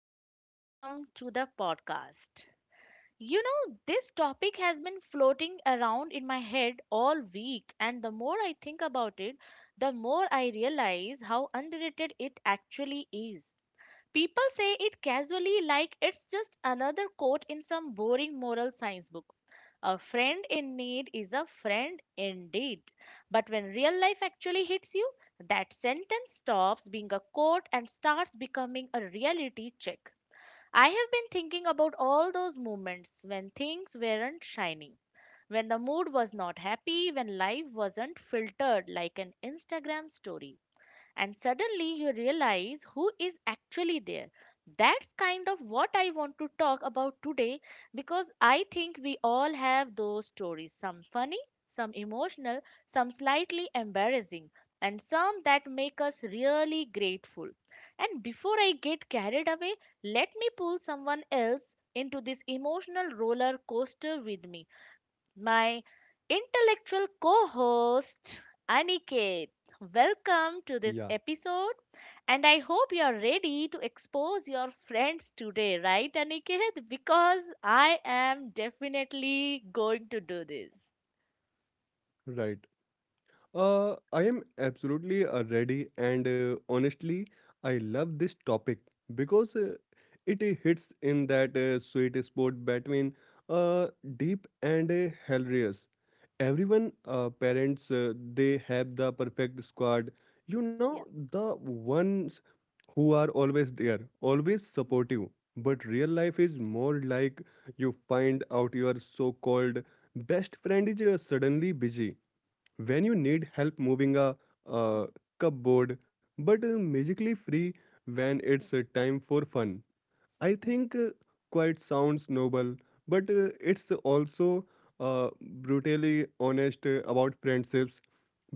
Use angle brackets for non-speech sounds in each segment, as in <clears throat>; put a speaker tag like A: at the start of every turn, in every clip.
A: and welcome to the podcast. You know, this topic has been floating around in my head all week, and the more I think about it, the more I realize how underrated it actually is. People say it casually like it's just another quote in some boring moral science book. A friend in need is a friend indeed. But when real life actually hits you, that sentence stops being a quote and starts becoming a reality check. I have been thinking about all those moments when things weren't shiny, when the mood was not happy, when life wasn't filtered like an Instagram story, and suddenly you realize who is actually there. That's kind of what I want to talk about today, because I think we all have those stories, some funny, some emotional, some slightly embarrassing, and some that make us really grateful. And before I get carried away, let me pull someone else into this emotional roller coaster with me, my intellectual co host, Aniket. Welcome to this
B: Yeah,
A: episode, and I hope you're ready to expose your friends today, right, Aniket? Because I am definitely going to do this.
B: right. I am absolutely ready, and honestly, I love this topic because it hits in that sweet spot between uh, deep and hilarious. Everyone, parents, they have the perfect squad. You know,
A: Yeah.
B: the ones who are always there, always supportive. But real life is more like you find out your so-called best friend is suddenly busy when you need help moving a, uh cupboard, but magically free when it's time for fun. I think quite sounds noble, but it's also uh, brutally honest about friendships,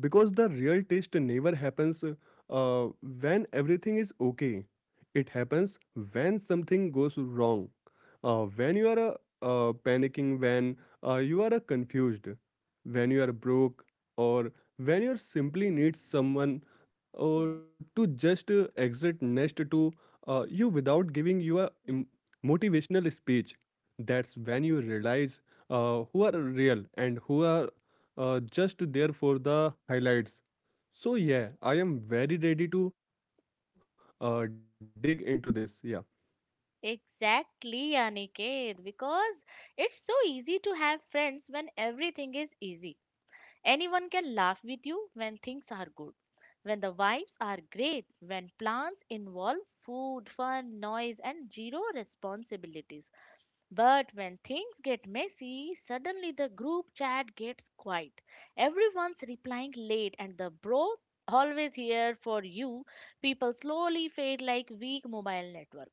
B: because the real test never happens when everything is okay. It happens when something goes wrong, when you are panicking, when you are confused, when you are broke, or when you simply need someone to just exit next to you without giving you a motivational speech. That's when you realize who are real and who are just there for the highlights. So yeah, I am very ready to dig into this. Yeah,
A: Exactly, Aniket, because it's so easy to have friends when everything is easy. Anyone can laugh with you when things are good, when the vibes are great, when plans involve food, fun, noise, and zero responsibilities. But when things get messy, suddenly the group chat gets quiet. Everyone's replying late, and the bro always here for you. People slowly fade like weak mobile network.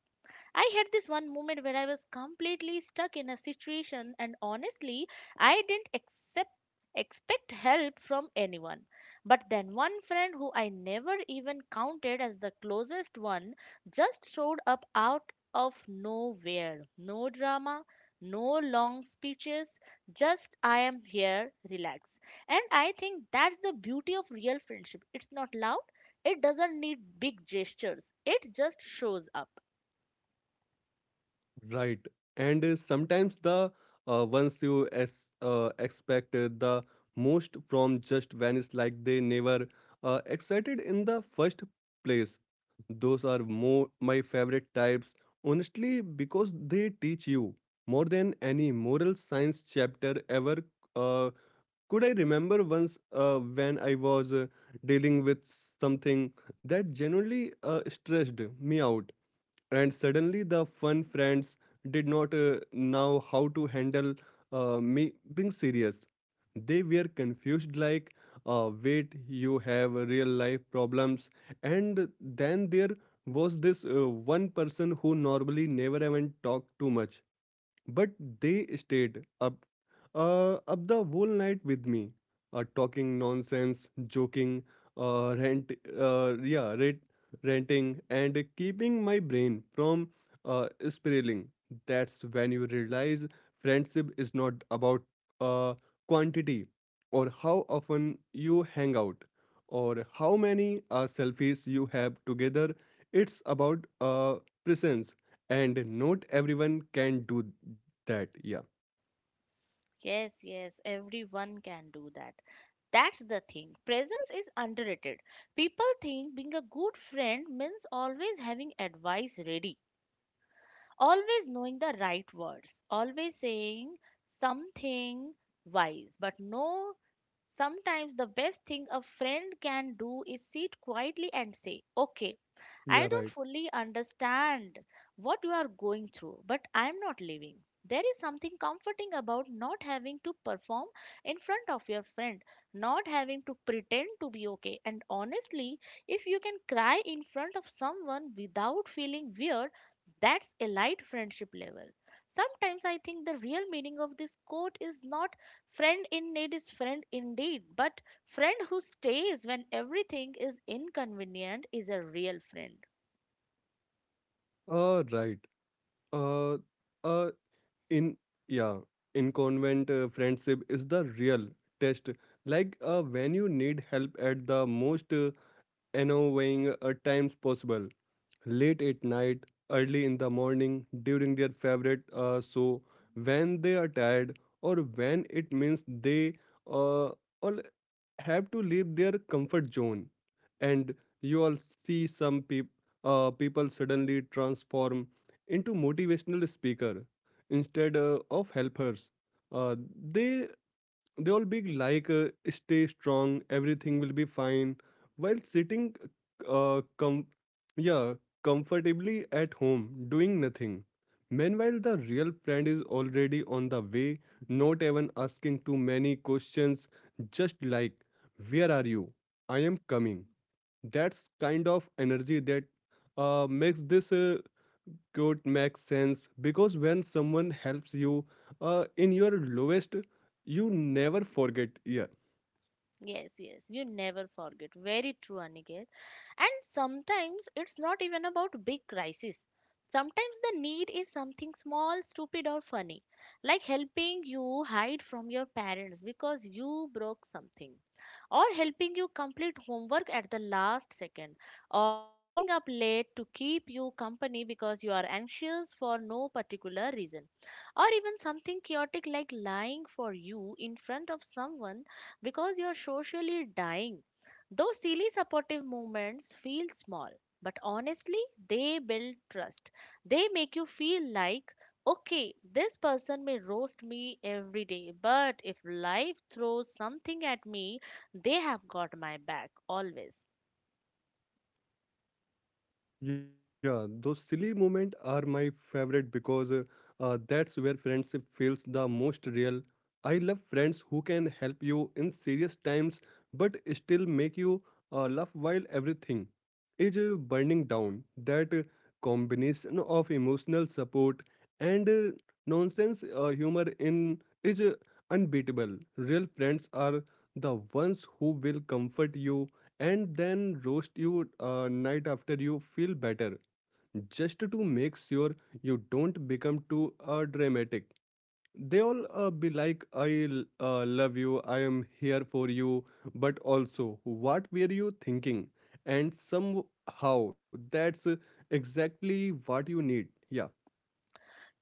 A: I had this one moment where I was completely stuck in a situation, and honestly, I didn't accept expect help from anyone. But then one friend who I never even counted as the closest one just showed up out of nowhere. No drama, no long speeches, just I am here, relax. And I think that's the beauty of real friendship. It's not loud, it doesn't need big gestures, it just shows up.
B: right. And sometimes the ones you as expect the most from just vanish, like they never excited in the first place. Those are more my favorite types, honestly, because they teach you more than any moral science chapter ever uh, could. I remember once when I was dealing with something that genuinely stressed me out, and suddenly the fun friends did not know how to handle me being serious. They were confused, like, wait, you have real life problems. And then there was this one person who normally never even talked too much, but they stayed up the whole night with me, talking nonsense, joking, uh, rant, uh, yeah, rant, ranting, and keeping my brain from spiraling. That's when you realize friendship is not about uh, quantity, or how often you hang out, or how many selfies you have together. It's about presence, and not everyone can do that. Yeah.
A: Yes, yes, everyone can do that. That's the thing. Presence is underrated. People think being a good friend means always having advice ready, always knowing the right words, always saying something wise. But no, sometimes the best thing a friend can do is sit quietly and say, okay, I
B: Yeah.
A: don't
B: Right.
A: fully understand what you are going through, but I'm not leaving. There is something comforting about not having to perform in front of your friend, not having to pretend to be okay. And honestly, if you can cry in front of someone without feeling weird, that's a light friendship level. Sometimes I think the real meaning of this quote is not friend in need is friend indeed, but friend who stays when everything is inconvenient is a real friend.
B: Right. uh uh in yeah in convent friendship is the real test, like when you need help at the most annoying times possible, late at night, early in the morning, during their favorite show, when they are tired, or when it means they uh, all have to leave their comfort zone. And you all see some people suddenly transform into motivational speaker instead of helpers. Uh, they they all be like, stay strong, everything will be fine, while sitting, uh, com- yeah, comfortably at home, doing nothing. Meanwhile, the real friend is already on the way, not even asking too many questions, just like, "Where are you? I am coming." That's kind of energy that makes this could makes sense, because when someone helps you in your lowest, you never forget. Yeah.
A: Yes, yes, you never forget. Very true, Aniket. And sometimes it's not even about big crisis. Sometimes the need is something small, stupid, or funny, like helping you hide from your parents because you broke something, or helping you complete homework at the last second, or staying up late to keep you company because you are anxious for no particular reason, or even something chaotic like lying for you in front of someone because you are socially dying. Those silly supportive moments feel small, but honestly, they build trust. They make you feel like, okay, this person may roast me every day, but if life throws something at me, they have got my back always.
B: Yeah. Those silly moments are my favorite because that's where friendship feels the most real. I love friends who can help you in serious times, but still make you laugh while everything is burning down. That combination of emotional support and nonsense humor in is unbeatable. Real friends are the ones who will comfort you and then roast you night after you feel better, just to make sure you don't become too dramatic. They all be like, "I love you, I am here for you, but also, what were you thinking?" And somehow that's exactly what you need. Yeah.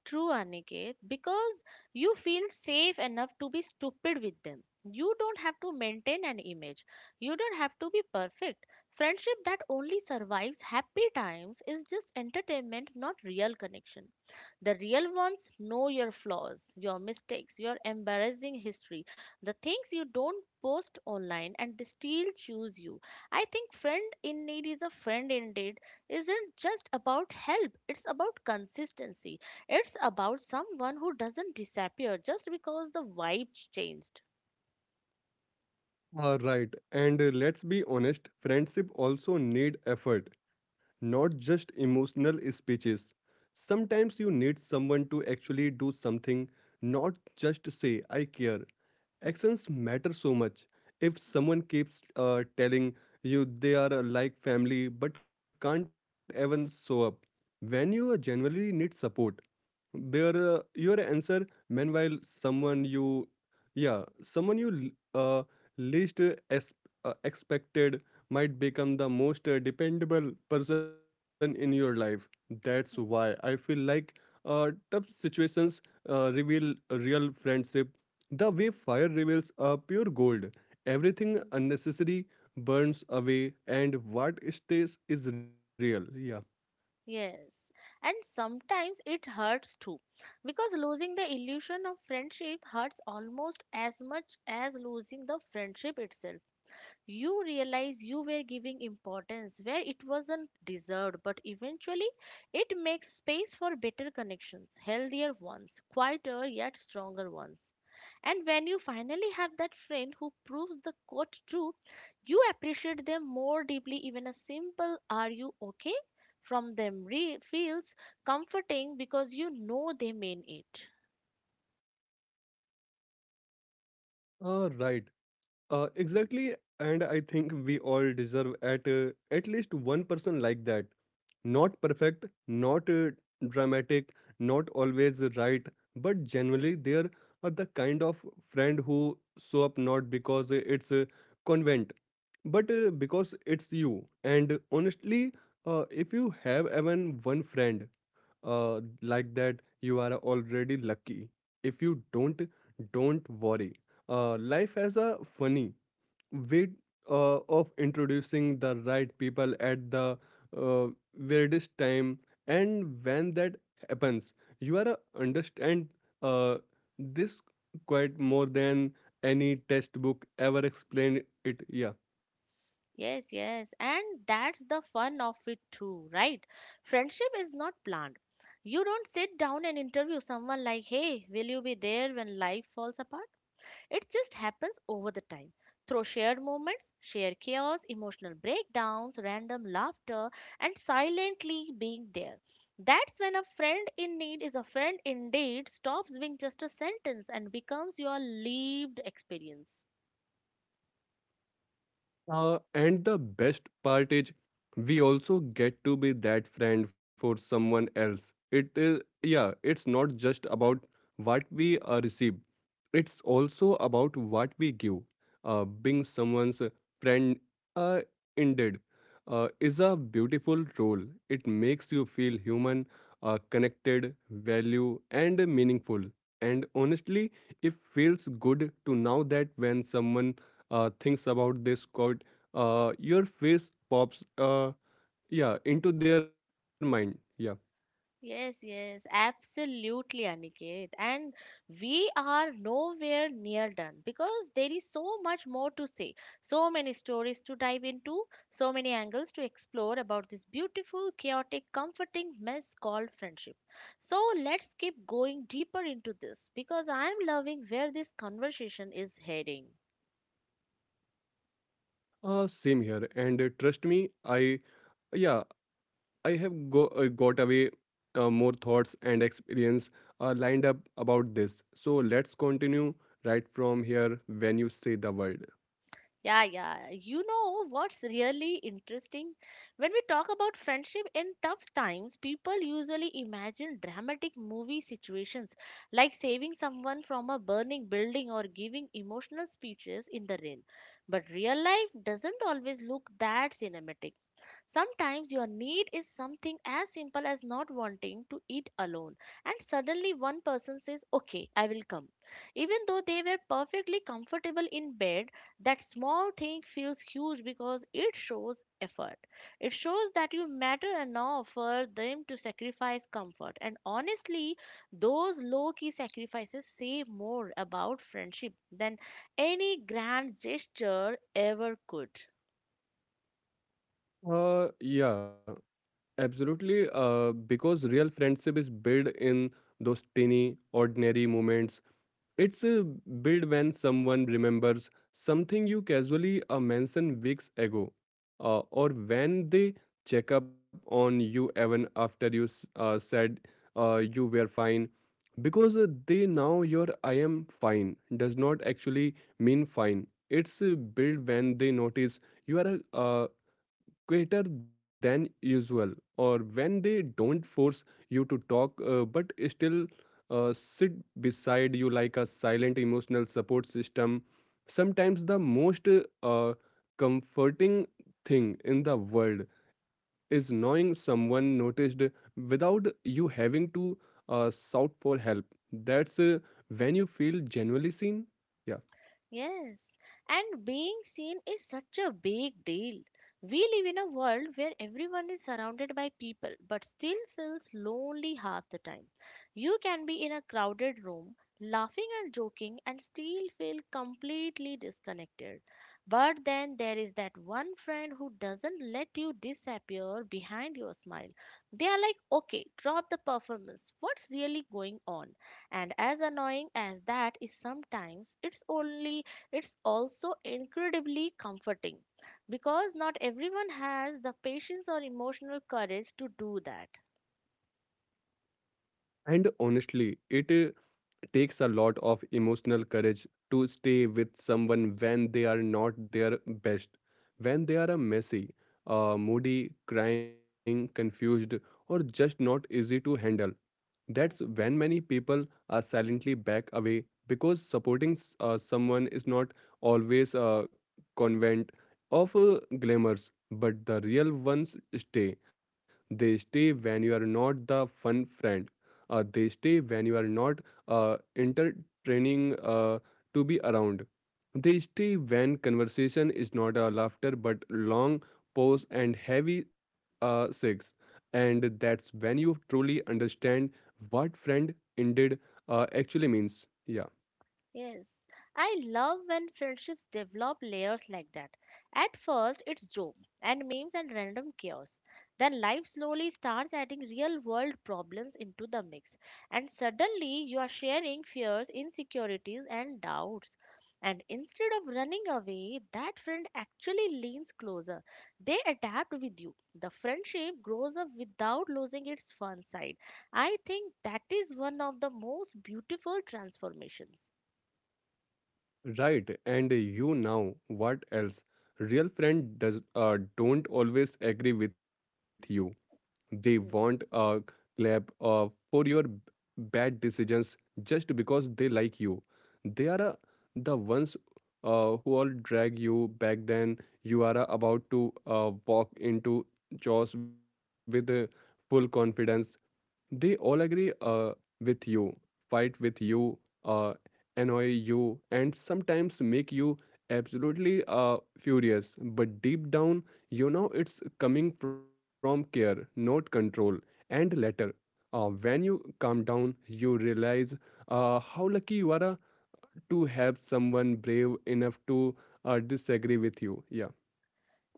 A: True, Aniket, because you feel safe enough to be stupid with them. You don't have to maintain an image. You don't have to be perfect. Friendship that only survives happy times is just entertainment, not real connection. The real ones know your flaws, your mistakes, your embarrassing history, the things you don't post online, and they still choose you. I think friend in need is a friend indeed isn't just about help, it's about consistency, it's about someone who doesn't disappear just because the vibe changed.
B: Right. And let's be honest, friendship also need effort, not just emotional speeches. Sometimes you need someone to actually do something, not just say "I care."
A: Hmm.
B: Actions matter so much. If someone keeps telling you they are like family, but can't even show up when you genuinely need support, their your answer. Meanwhile, someone you least expected might become the most dependable person in your life. That's why I feel like tough situations reveal real friendship, the way fire reveals pure gold. Everything
A: Mm.
B: unnecessary burns away, and what stays is real. Yeah.
A: Yes, and sometimes it hurts too, because losing the illusion of friendship hurts almost as much as losing the friendship itself. You realize you were giving importance where it wasn't deserved, but eventually it makes space for better connections, healthier ones, quieter yet stronger ones. And when you finally have that friend who proves the quote true, you appreciate them more deeply. Even a simple "Are you okay?" from them feels comforting because you know they mean it.
B: Right. Exactly, and I think we all deserve at least one person like that. Not perfect, not dramatic, not always right, but generally they are the kind of friend who show up, not because it's a convent, but because it's you. And honestly, if you have even one friend like that, you are already lucky. If you don't worry, life has a funny way of introducing the right people at the uh, weirdest time. And when that happens, you are understand uh, this quite more than any textbook ever explained it. Yeah.
A: Yes, yes, and that's the fun of it too, right? Friendship is not planned. You don't sit down and interview someone like, hey, will you be there when life falls apart? It just happens over the time. Through shared moments, shared chaos, emotional breakdowns, random laughter, and silently being there. That's when a friend in need is a friend indeed stops being just a sentence and becomes your lived experience.
B: And the best part is we also get to be that friend for someone else. It is, yeah, it's not just about what we receive, it's also about what we give. Being someone's friend, uh, indeed, is a beautiful role. It makes you feel human, connected, value, and meaningful. And honestly, it feels good to know that when someone things about this quote, your face pops, yeah, into their mind. Yeah.
A: Yes, yes, absolutely, Aniket. And we are nowhere near done, because there is so much more to say, so many stories to dive into, so many angles to explore about this beautiful, chaotic, comforting mess called friendship. So let's keep going deeper into this because I am loving where this conversation is heading.
B: Same here. And trust me, yeah I have got away more thoughts and experience lined up about this. So let's continue right from here when you say the word.
A: Yeah, yeah. You know what's really interesting? When we talk about friendship in tough times, people usually imagine dramatic movie situations like saving someone from a burning building or giving emotional speeches in the rain. But real life doesn't always look that cinematic. Sometimes your need is something as simple as not wanting to eat alone, and suddenly one person says, okay, I will come. Even though they were perfectly comfortable in bed, that small thing feels huge because it shows effort. It shows that you matter enough for them to sacrifice comfort. And honestly, those low key sacrifices say more about friendship than any grand gesture ever could.
B: Yeah, absolutely. Because real friendship is built in those tiny, ordinary moments. It's a Build when someone remembers something you casually mentioned weeks ago, or when they check up on you even after you said you were fine, because they know your "I am fine" does not actually mean fine. It's built when they notice you are greater than usual, or when they don't force you to talk, but still sit beside you like a silent emotional support system. Sometimes the most uh, comforting thing in the world is knowing someone noticed without you having to shout for help. That's when you feel genuinely seen. Yeah.
A: Yes, and being seen is such a big deal. We live in a world where everyone is surrounded by people but still feels lonely half the time. You can be in a crowded room, laughing and joking, and still feel completely disconnected. But then there is that one friend who doesn't let you disappear behind your smile. They are like, okay, drop the performance. What's really going on? And as annoying as that is sometimes, it's only, it's also incredibly comforting, because not everyone has the patience or emotional courage to do that.
B: And honestly, it takes a lot of emotional courage to stay with someone when they are not their best, when they are a messy, moody, crying, confused, or just not easy to handle. That's when many people silently back away, because supporting someone is not always a convent of glamours, but the real ones stay. They stay when you are not the fun friend. They stay when you are not entertaining to be around. They stay when conversation is not a laughter but long pause and heavy sex. And that's when you truly understand what friend indeed actually means. Yeah,
A: Yes, I love when friendships develop layers like that. At first, it's joke and memes and random chaos. Then life slowly starts adding real world problems into the mix. And suddenly, you are sharing fears, insecurities, and doubts. And instead of running away, that friend actually leans closer. They adapt with you. The friendship grows up without losing its fun side. I think that is one of the most beautiful transformations.
B: right. And you now, what else? Real friend does don't always agree with you. They want
A: Mm,
B: a clap for your bad decisions just because they like you. They are the ones who all drag you back, then you are about to walk into chores with full confidence. They all agree with you, fight with you, uh, annoy you, and sometimes make you absolutely furious. But deep down, you know it's coming from care, not control. And later, when you calm down, you realize how lucky you are to have someone brave enough to disagree with you. Yeah.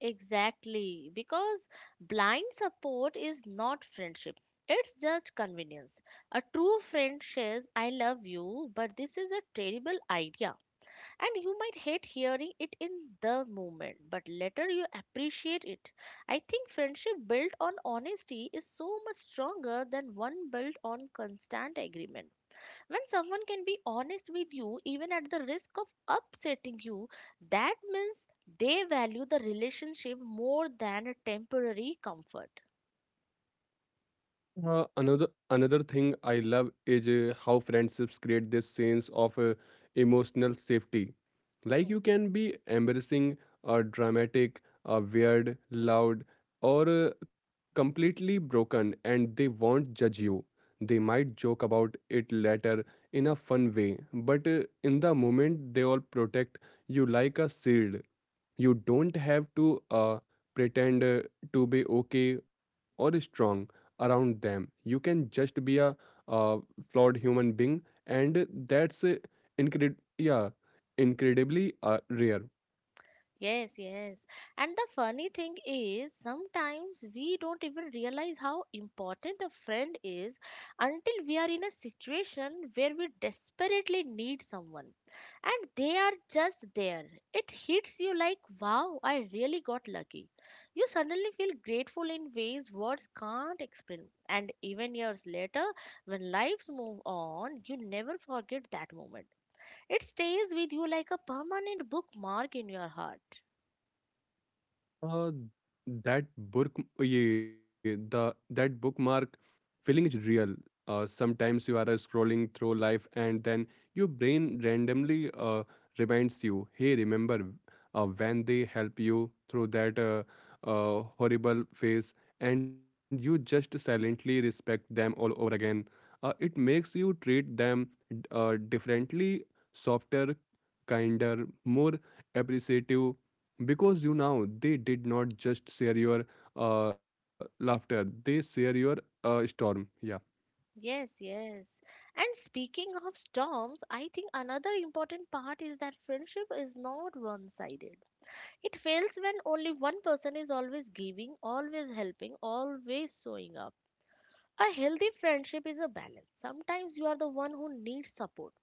A: Exactly, because blind support is not friendship. It's just convenience. A true friend says, I love you, but this is a terrible idea. And you might hate hearing it in the moment, but later you appreciate it. I think friendship built on honesty is so much stronger than one built on constant agreement. When someone can be honest with you, even at the risk of upsetting you, that means they value the relationship more than a temporary comfort.
B: Another thing I love is how friendships create this sense of emotional safety. Like you can be embarrassing, or dramatic, or weird, loud, or completely broken, and they won't judge you. They might joke about it later in a fun way, but in the moment they all protect you like a shield. You don't have to pretend to be okay or strong around them. You can just be a uh, flawed human being, and that's incred- yeah incredibly rare.
A: Yes, yes. And the funny thing is, sometimes we don't even realize how important a friend is until we are in a situation where we desperately need someone. And they are just there. It hits you like, wow, I really got lucky. You suddenly feel grateful in ways words can't explain. And even years later, when lives move on, you never forget that moment. It stays with you like a permanent bookmark in your heart.
B: Uh, that bookmark feeling is real. Sometimes you are scrolling through life, and then your brain randomly reminds you, "Hey, remember
A: Mm.
B: when they help you through that horrible phase?" And you just silently respect them all over again. It makes you treat them differently, softer, kinder, more appreciative, because you know they did not just share your laughter, they share your storm. Yeah.
A: Yes, yes. And speaking of storms, I think another important part is that friendship is not one sided. It fails when only one person is always giving, always helping, always showing up. A healthy friendship is a balance. Sometimes you are the one who needs support,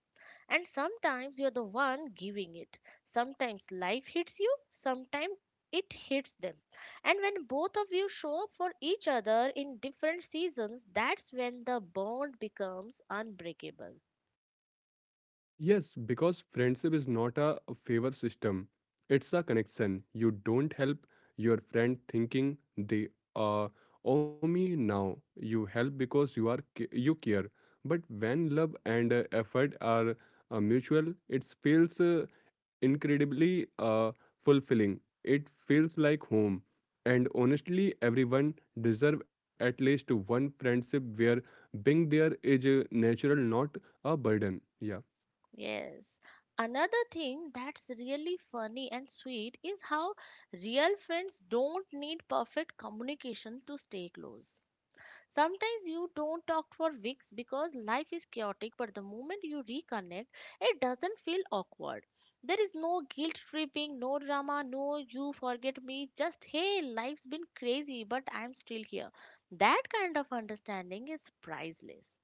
A: and sometimes you're the one giving it. Sometimes life hits you, sometimes it hits them. And when both of you show up for each other in different seasons, that's when the bond becomes unbreakable.
B: Yes, because friendship is not a favor system. It's a connection. You don't help your friend thinking they uh, owe me now; you help because you care. But when love and effort are mutual, it feels incredibly fulfilling. It feels like home. And honestly, everyone deserve at least one friendship where being there is a natural, not a burden. Yeah.
A: Yes. Another thing that's really funny and sweet is how real friends don't need perfect communication to stay close. Sometimes you don't talk for weeks because life is chaotic, but the moment you reconnect, it doesn't feel awkward. There is no guilt tripping, no drama, no you forget me, just hey, life's been crazy, but I'm still here. That kind of understanding is priceless.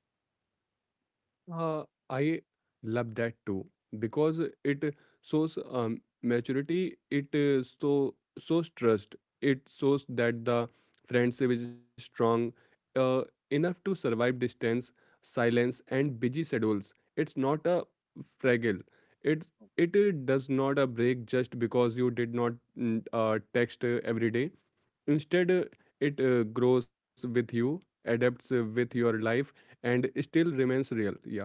B: Uh, I love that too, because it shows maturity. It so shows trust. It shows that the friendship is strong uh, enough to survive distance, silence, and busy schedules. It's not a fragile. It it does not break just because you did not text every day. Instead, it grows with you, adapts with your life, and still remains real. Yeah.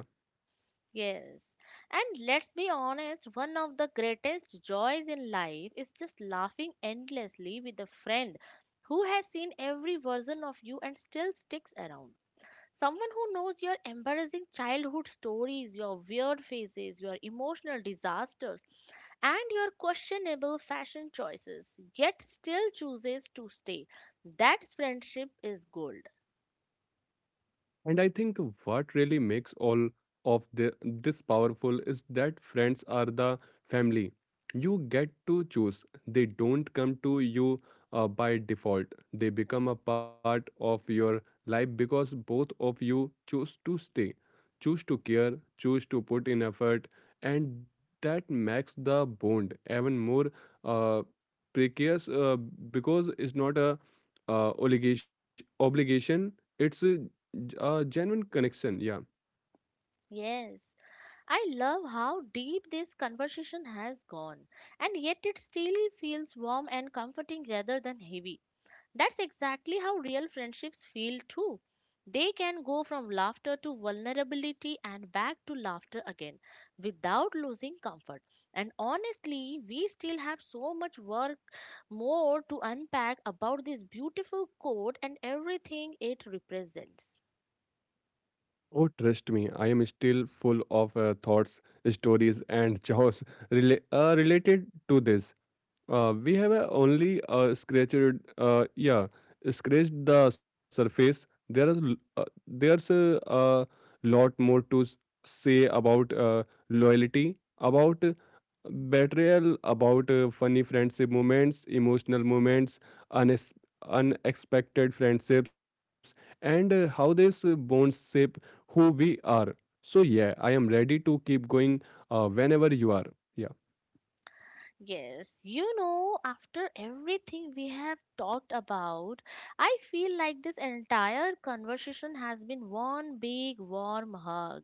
A: Yes. And let's be honest, one of the greatest joys in life is just laughing endlessly with a friend who has seen every version of you and still sticks around. Someone who knows your embarrassing childhood stories, your weird phases, your emotional disasters, and your questionable fashion choices, yet still chooses to stay. That friendship is gold.
B: And I think what really makes this powerful is that friends are the family. You get to choose. They don't come to you by default. They become a part of your life because both of you choose to stay, choose to care, choose to put in effort, and that makes the bond even more uh, precarious, because it's not a obligation. Obligation. It's a genuine connection. Yeah.
A: Yes, I love how deep this conversation has gone, and yet it still feels warm and comforting rather than heavy. That's exactly how real friendships feel too. They can go from laughter to vulnerability and back to laughter again without losing comfort. And honestly, we still have so much work more to unpack about this beautiful coat and everything it represents.
B: Oh, trust me, I am still full of thoughts, stories, and <laughs> chaos related to this. We have only scratched the surface. There is l- uh, there's a, a lot more to say about loyalty, about betrayal, about funny friendship moments, emotional moments, unex- unexpected friendships, and how these bonds shape who we are. So, yeah, I am ready to keep going whenever you are. Yeah,
A: Yes, you know, after everything we have talked about, I feel like this entire conversation has been one big warm hug.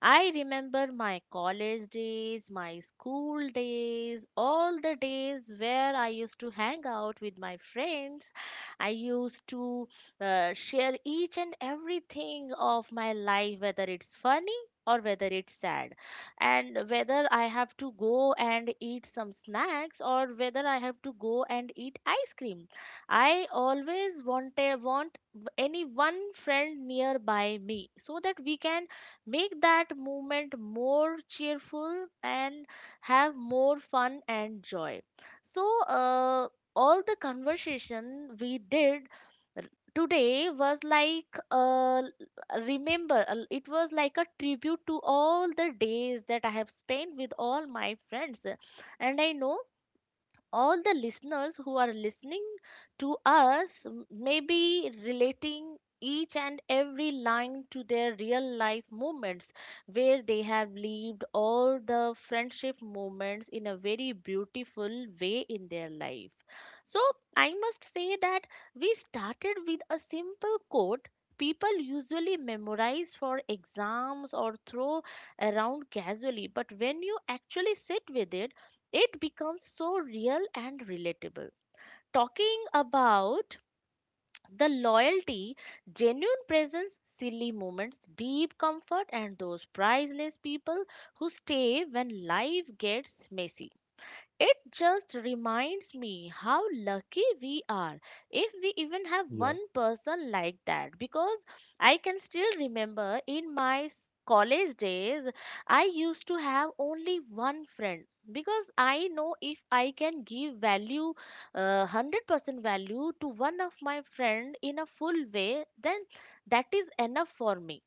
A: I remember my college days, my school days, all the days where I used to hang out with my friends. I used to share each and everything of my life, whether it's funny or whether it's sad and whether I have to go and eat some snacks or whether I have to go and eat ice cream. I always want want any one friend nearby me so that we can make that moment more cheerful and have more fun and joy. So, all the conversation we did r- today was like remember it was like a tribute to all the days that I have spent with all my friends. And I know all the listeners who are listening to us may be relating each and every line to their real life moments where they have lived all the friendship moments in a very beautiful way in their life. So I must say that we started with a simple quote people usually memorize for exams or throw around casually, but when you actually sit with it, it becomes so real and relatable. Talking about the loyalty, genuine presence, silly moments, deep comfort, and those priceless people who stay when life gets messy. It just reminds me how lucky we are if we even have
B: yeah,
A: one person like that, because I can still remember in my college days I used to have only one friend. Because I know if I can give value 100% value to one of my friend in a full way, then that is enough for me.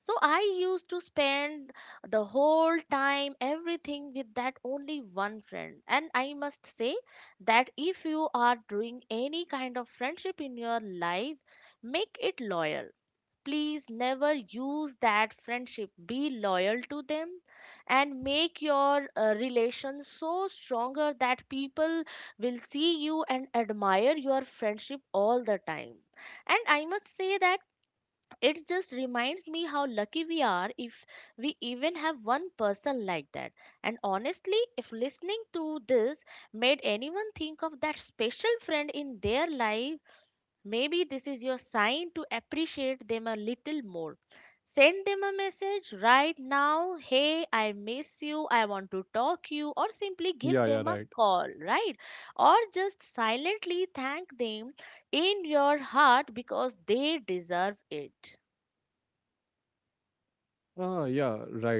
A: So I used to spend the whole time, everything with that only one friend. And I must say that if you are doing any kind of friendship in your life, make it loyal. Please never use that friendship. Be loyal to them and make your relation so stronger that people will see you and admire your friendship all the time. And I must say that it just reminds me how lucky we are if we even have one person like that. And honestly, if listening to this made anyone think of that special friend in their life, maybe this is your sign to appreciate them a little more. Send them a message right now. Hey, I miss you. I want to talk you, or simply
B: yeah,
A: give
B: yeah,
A: them a
B: right.
A: call, right? Or just silently thank them in your heart because they deserve it.
B: Ah, yeah, right.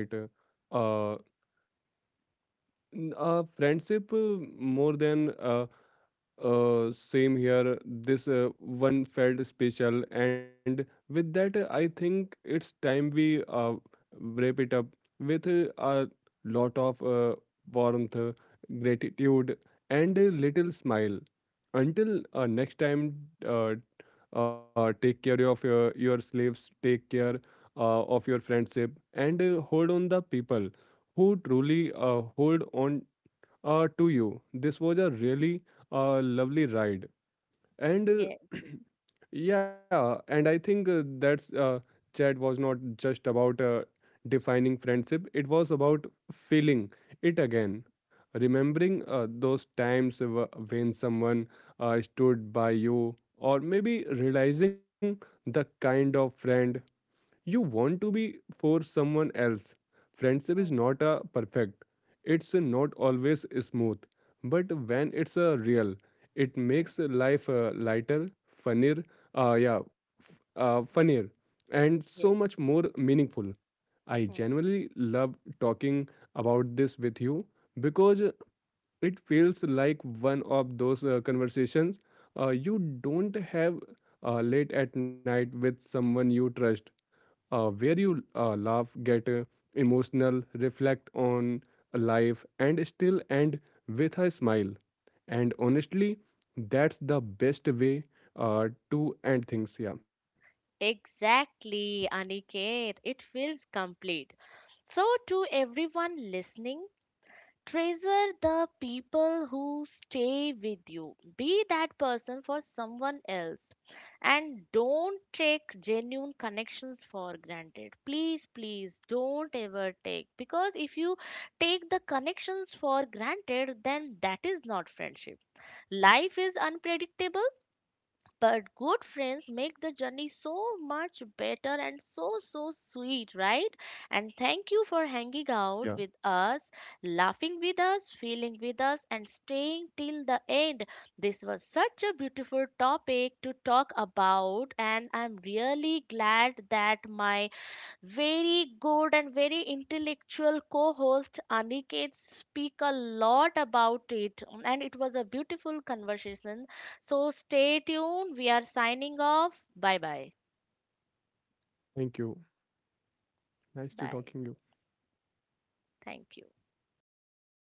B: Uh, uh, Friendship more than... same here. This one felt special, and with that, I think it's time we wrap it up with a lot of warmth, gratitude, and a little smile. Until next time, uh, take care of your slaves, take care of your friendship, and hold on the people who truly hold on to you. This was a really lovely ride. And
A: Yes.
B: <clears throat> yeah, and I think that's chat was not just about defining friendship, it was about feeling it again. Remembering those times when someone stood by you, or maybe realizing the kind of friend you want to
A: Mm,
B: be for someone else. Friendship is
A: mm,
B: not a perfect. It's not always smooth, but when it's a real, it
A: mm.
B: makes life lighter, funnier, funnier, and so much
A: Yes.
B: more meaningful. I
A: Mm.
B: genuinely love talking about this with you, because it feels like one of those conversations you don't have late at night with someone you trust, where you laugh, get emotional, reflect on life, and still end with a smile. And honestly, that's the best way to end things. Yeah.
A: Exactly, Aniket. It feels complete. So, to everyone listening, treasure the people who stay with you. Be that person for someone else. And don't take genuine connections for granted. Please, please don't ever take. Because if you take the connections for granted, then that is not friendship. Life is unpredictable, but good friends make the journey so much better and so, so sweet, right? And thank you for
B: Yeah.
A: hanging out with us, laughing with us, feeling with us, and staying till the end. This was such a beautiful topic to talk about, and I'm really glad that my very good and very intellectual co-host Aniket speak a lot about it and it was a beautiful conversation. So stay tuned. We are signing off. Bye bye.
B: Thank you. Nice to talking
A: Bye.
B: you.
A: Thank you.